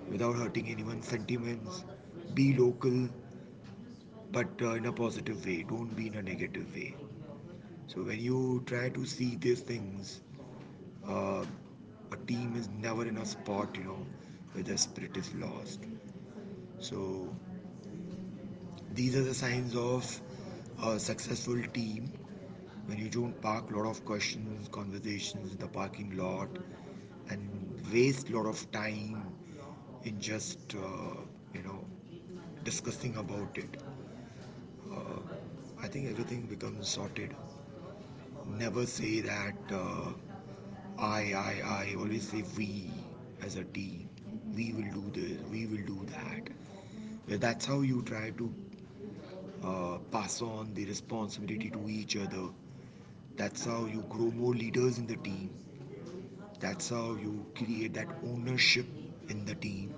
B: without hurting anyone's sentiments. Be local, but in a positive way. Don't be in a negative way. So when you try to see these things, uh, a team is never in a spot, you know, where the spirit is lost. So these are the signs of a successful team, when you don't park a lot of questions, conversations in the parking lot, and waste a lot of time in just you know, discussing about it. I think everything becomes sorted. Never say that I. Always say we, as a team. We will do this. We will do that. That's how you try to pass on the responsibility to each other. That's how you grow more leaders in the team. That's how you create that ownership in the team.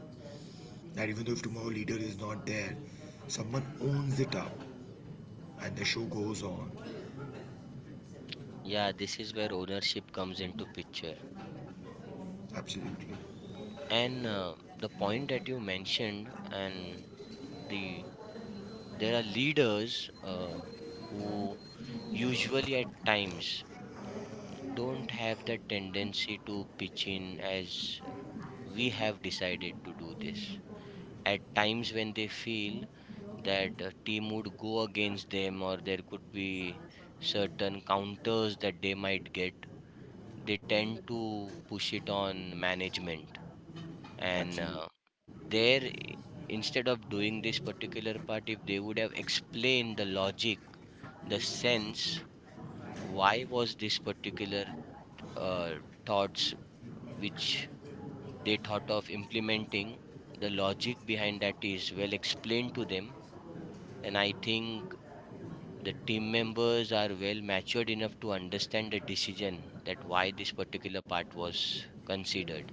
B: That even though if tomorrow leader is not there, someone owns it up and the show goes on.
A: Yeah, this is where ownership comes into picture.
B: Absolutely.
A: And the point that you mentioned, and the there are leaders who usually at times don't have that tendency to pitch in as, we have decided to do this. At times when they feel that a team would go against them, or there could be certain counters that they might get, they tend to push it on management. And
B: Absolutely.
A: there, instead of doing this particular part, if they would have explained the logic, the sense why was this particular uh, thoughts which they thought of implementing, the logic behind that is well explained to them. And I think the team members are well matured enough to understand the decision that why this particular part was considered,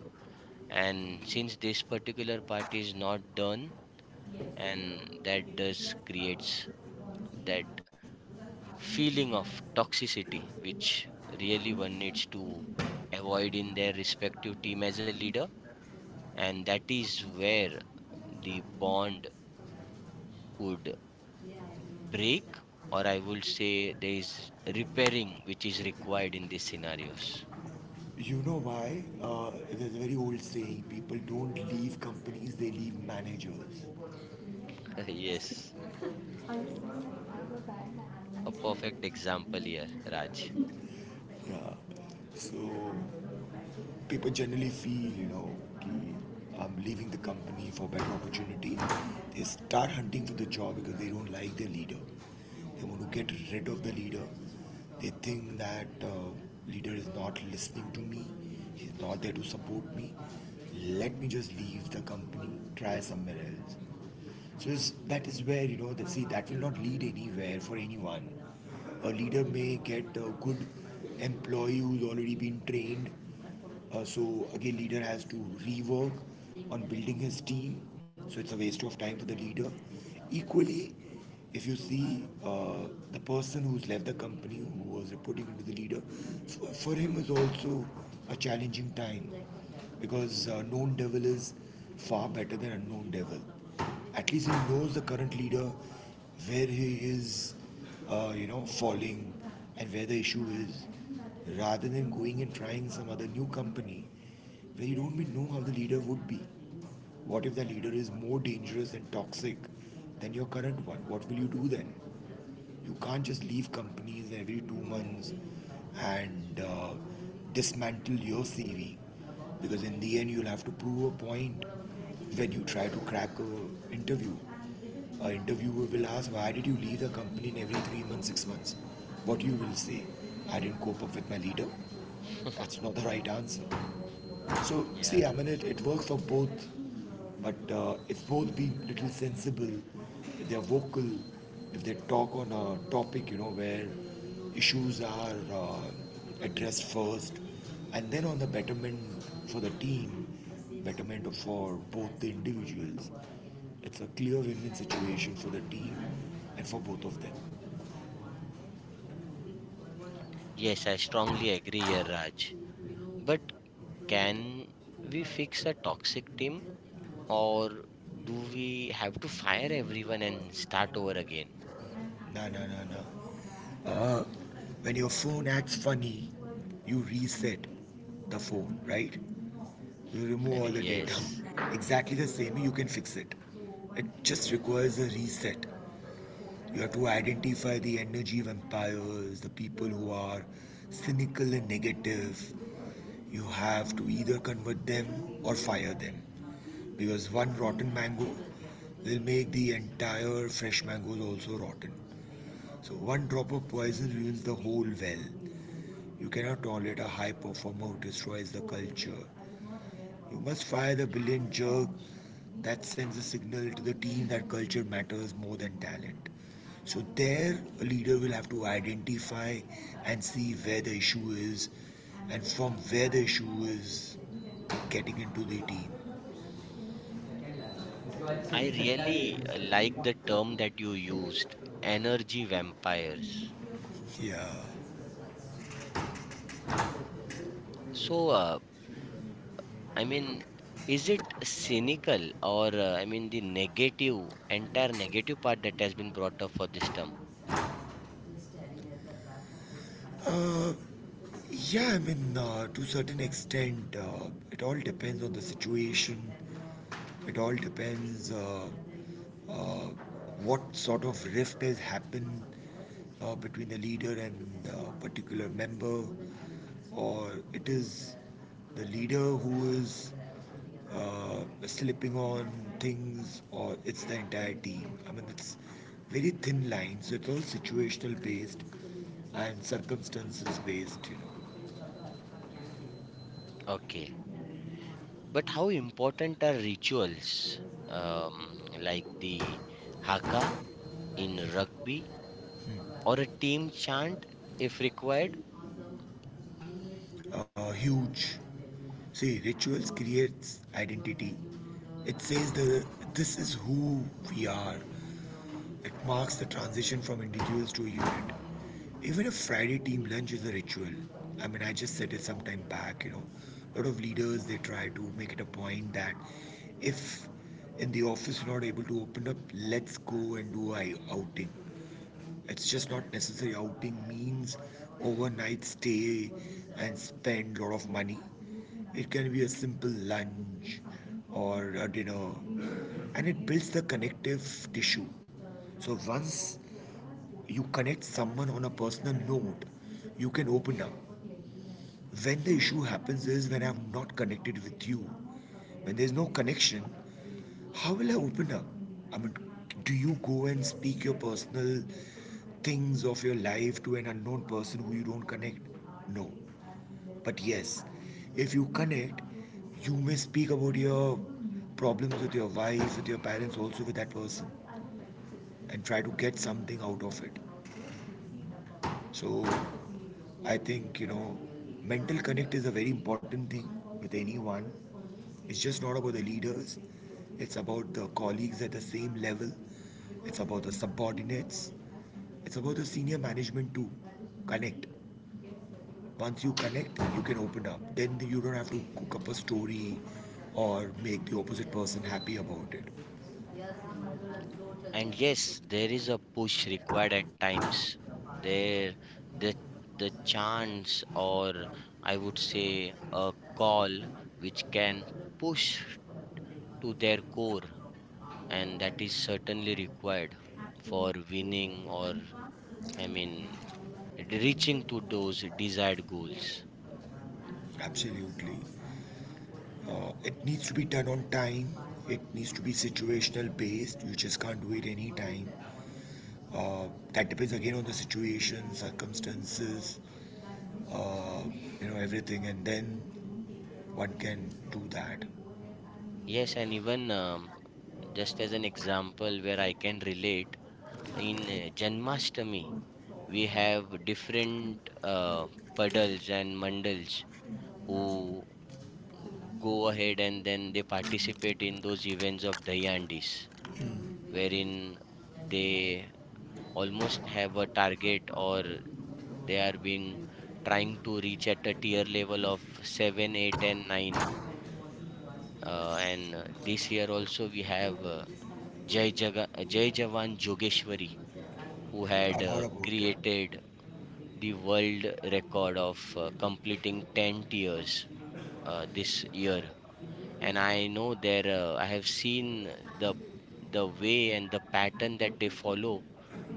A: and since this particular part is not done, and that does creates that feeling of toxicity, which really one needs to avoid in their respective team as a leader. And that is where the bond could break, or I would say there is repairing which is required in these scenarios.
B: You know why? There's a very old saying, people don't leave companies, they leave managers.
A: Yes, a perfect example here, Raj.
B: So people generally feel, you know, I'm leaving the company for better opportunity. They start hunting for the job because they don't like their leader. They want to get rid of the leader. They think that leader is not listening to me. He's not there to support me. Let me just leave the company. Try somewhere else. So it's, that is where, you know, that see that will not lead anywhere for anyone. A leader may get a good employee who's already been trained. So again, leader has to rework on building his team. So it's a waste of time for the leader. Equally, if you see, the person who's left the company, who was reporting into the leader, for him is also a challenging time, because known devil is far better than unknown devil. At least he knows the current leader, where he is, you know, falling, and where the issue is, rather than going and trying some other new company where you don't even know how the leader would be. What if that leader is more dangerous and toxic than your current one? What will you do then? You can't just leave companies every 2 months and dismantle your CV, because in the end you'll have to prove a point when you try to crack a interview. A interviewer will ask, "Why did you leave the company in every 3 months, 6 months?" What you will say, "I didn't cope up with my leader." That's not the right answer. So, see,
A: Yeah.
B: I mean, it works for both, but if both be little sensible, if they're vocal, if they talk on a topic, you know, where issues are addressed first, and then on the betterment for the team, betterment for both the individuals, it's a clear win-win situation for the team and for both of them.
A: Yes, I strongly agree here, Raj. But can we fix a toxic team, or do we have to fire everyone and start over again?
B: No, no, no, no. Uh, when your phone acts funny, you reset the phone, right? You remove all the data.
A: Yes.
B: Exactly the same, you can fix it. It just requires a reset. You have to identify the energy vampires, the people who are cynical and negative. You have to either convert them or fire them. Because one rotten mango will make the entire fresh mangoes also rotten. So one drop of poison ruins the whole well. You cannot tolerate a high performer who destroys the culture. You must fire the brilliant jerk. That sends a signal to the team that culture matters more than talent. So there, a leader will have to identify and see where the issue is, and from where the issue is, getting into the team.
A: I really like the term that you used, energy vampires.
B: Yeah.
A: So, I mean, is it cynical, or, I mean, the negative, entire negative part that has been brought up for this term?
B: Uh, yeah, I mean, to a certain extent, it all depends on the situation. It all depends uh, what sort of rift has happened between the leader and the particular member, or it is the leader who is slipping on things, or it's the entire team. I mean, it's very thin line, so it's all situational based and circumstances based, you know.
A: Okay. But how important are rituals, um, like the haka in rugby, or a team chant if required?
B: Huge. See, rituals creates identity. It says that this is who we are. It marks the transition from individuals to a unit. Even a Friday team lunch is a ritual. I mean, I just said it some time back, you know. A lot of leaders, they try to make it a point that if in the office you're not able to open up, let's go and do a outing. It's just not necessary. Outing means overnight stay and spend a lot of money. It can be a simple lunch or a dinner, and it builds the connective tissue. So once you connect someone on a personal note, you can open up. When the issue happens is when I'm not connected with you. When there's no connection, how will I open up? I mean, do you go and speak your personal things of your life to an unknown person who you don't connect? No. But yes, if you connect, you may speak about your problems with your wife, with your parents, also with that person, and try to get something out of it. So I think, you know, mental connect is a very important thing with anyone. It's just not about the leaders, it's about the colleagues at the same level, it's about the subordinates, it's about the senior management too. Connect. Once you connect, you can open up. Then you don't have to cook up a story or make the opposite person happy about it.
A: And yes, there is a push required at times. There, the the chance, or I would say a call, which can push to their core, and that is certainly required for winning, or i mean reaching to those desired goals.
B: Absolutely. It needs to be done on time. It needs to be situational based. You just can't do it any time. Uh, that depends again on the situation, circumstances, uh, you know, everything. And then one can do that.
A: Yes, and even just as an example where I can relate, in janmashtami we have different puddles and mandals who go ahead, and then they participate in those events of Dayandis, wherein they almost have a target, or they are being trying to reach at a tier level of 7, 8, and 9. And This year also we have Jai, Jaga, Jai Jawan Jogeshwari who had
B: I've heard about it.
A: created the world record of completing 10 tiers this year. And I know there, I have seen the way and the pattern that they follow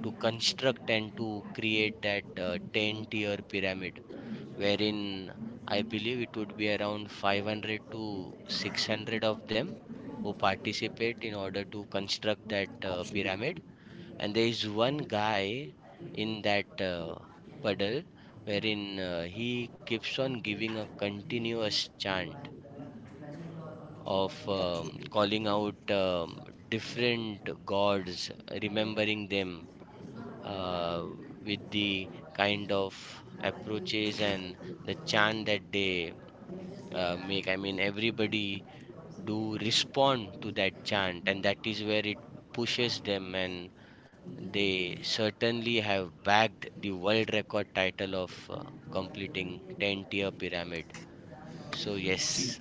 A: to construct and to create that 10 tier pyramid, wherein I believe it would be around 500 to 600 of them who participate in order to construct that
B: Absolutely.
A: pyramid. And there is one guy in that puddle, wherein he keeps on giving a continuous chant of
B: Absolutely.
A: calling out different gods, remembering them uh, with the kind of approaches and the chant that they make. I mean, everybody do respond to that chant, and that is where it pushes them, and they certainly have bagged the world record title of completing 10 tier pyramid. So,
B: See,
A: yes,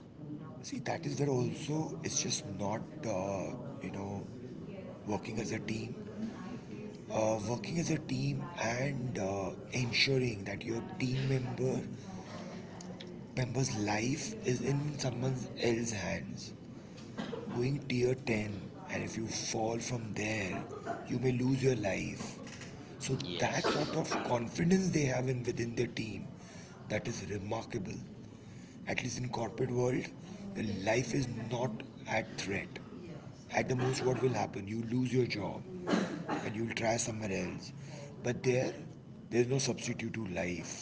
B: see, that is where also it's just not, uh, you know, working as a team. Working as a team and ensuring that your team member's life is in someone else's hands. Going tier 10, and if you fall from there, you may lose your life. So that sort
A: yes,
B: of confidence they have in within their team, that is remarkable. At least in corporate world, the life is not at threat. At the most, what will happen? You lose your job and you'll try somewhere else. But there, there's no substitute to life.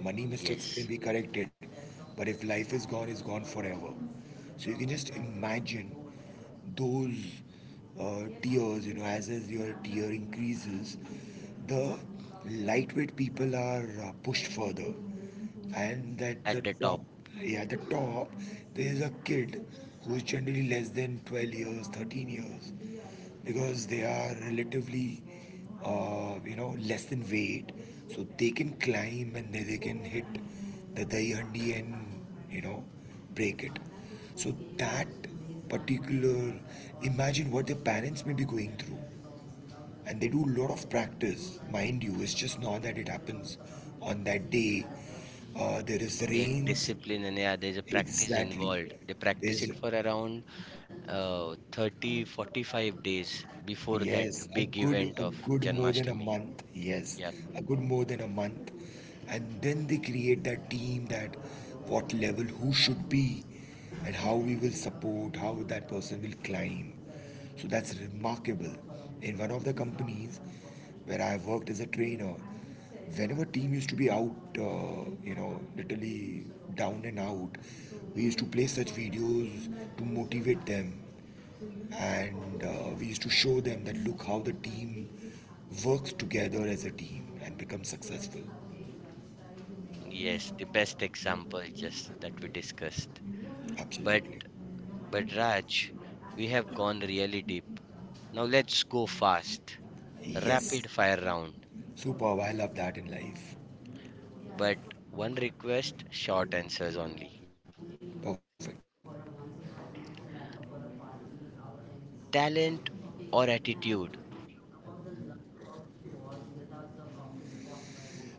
B: Money mistakes can
A: yes,
B: be corrected, but if life is gone, it's gone forever. So you can just imagine those tears, you know, as your tear increases, the lightweight people are pushed further. And at
A: at
B: the
A: the top.
B: top, yeah, at the top, there is a kid who is generally less than 12 years, 13 years, because they are relatively you know, less in weight, so they can climb and they can hit the dahi handi and, you know, break it. So that particular, imagine what their parents may be going through. And they do a lot of practice, mind you, it's just not that it happens on that day. There is
A: The
B: rains,
A: discipline, and yeah, there's a practice involved.
B: exactly,
A: They practice
B: there's.
A: it for around 30 45 days before that
B: Yes,
A: big
B: a
A: event of
B: good more than a
A: Janmashtami.
B: month. Yes,
A: Yep.
B: a good more than a month. And then they create that team, that what level who should be and how we will support, how that person will climb. So that's remarkable. In one of the companies where I worked as a trainer, whenever team used to be out, you know, literally down and out, we used to play such videos to motivate them, and we used to show them that look how the team works together as a team and becomes successful.
A: Yes, the best example just that we discussed. But
B: Absolutely.
A: Raj, we have gone really deep. Now let's go fast.
B: Yes.
A: Rapid fire round,
B: Superb. I love that in life.
A: but one request: short answers only.
B: Perfect.
A: Talent or attitude?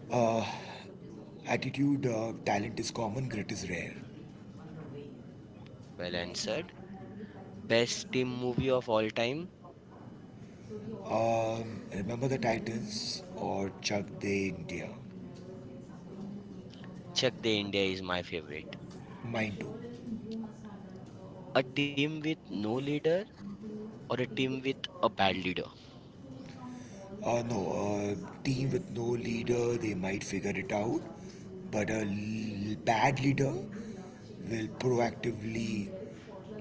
B: Uh, Attitude, talent is common, grit is rare.
A: Well answered. Best team movie of all time?
B: Remember the Titans or Chug De India?
A: *Chak De India is my favorite.
B: Mine too.
A: A team with no leader, or a team with a bad leader?
B: No, a team with no leader, they might figure it out. But a bad leader will proactively,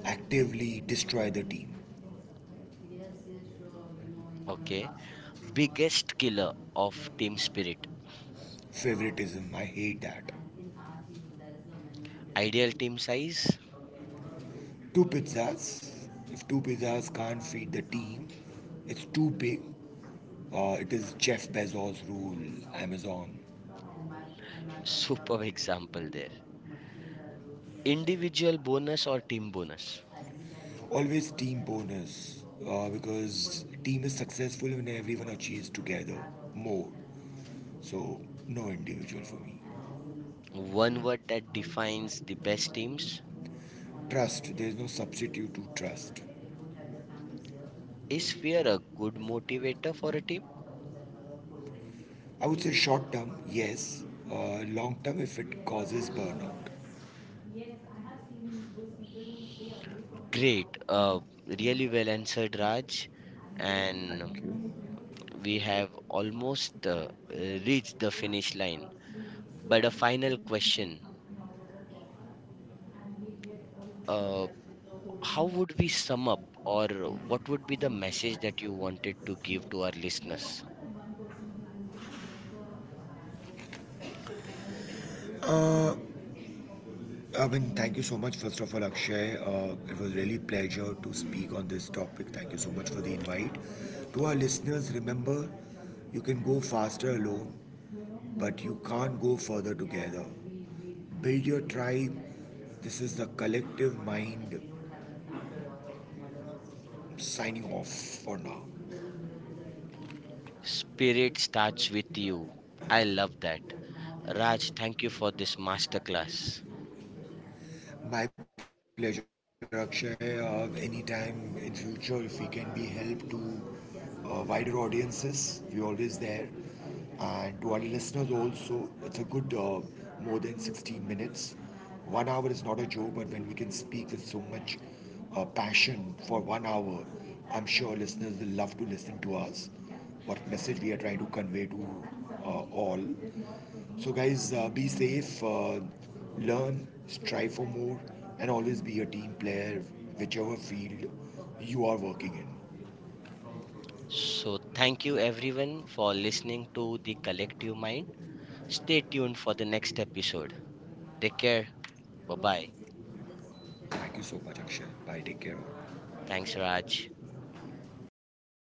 B: actively destroy the team.
A: Okay. Biggest killer of team spirit?
B: Favoritism, I hate that.
A: Ideal team size?
B: Two pizzas, if two pizzas can't feed the team, it's too big. It is Jeff Bezos' rule, Amazon.
A: Superb example there. Individual bonus or team bonus?
B: Always team bonus, because team is successful when everyone achieves together more. So no individual for me.
A: One word that defines the best teams?
B: Trust. There is no substitute to trust.
A: Is fear a good motivator for a team?
B: I would say short term, yes. Long term, if it causes burnout.
A: Great. Really well answered, Raj. And
B: Thank you.
A: we have almost reached the finish line. But a final question. Uh, how would we sum up, or what would be the message that you wanted to give to our listeners?
B: Uh, I mean, thank you so much, first of all, Akshay. It was really pleasure to speak on this topic. Thank you so much for the invite. To our listeners, remember you can go faster alone but you can't go further together. Build your tribe. This is the collective mind signing off for now.
A: Spirit starts with you. I love that. Raj, thank you for this masterclass.
B: My pleasure, Akshay. Anytime in future, if we can be help to wider audiences, we're always there. And to our listeners also, it's a good more than 60 minutes. One hour is not a joke, but when we can speak with so much passion for one hour, I'm sure listeners will love to listen to us. What message we are trying to convey to all. So, guys, be safe, learn, strive for more, and always be a team player, whichever field you are working in.
A: So, thank you everyone for listening to the collective mind. Stay tuned for the next episode. Take care. Bye bye.
B: Thank you so much, Akshay. Bye, take care.
A: Thanks, Raj.
B: Bye for now.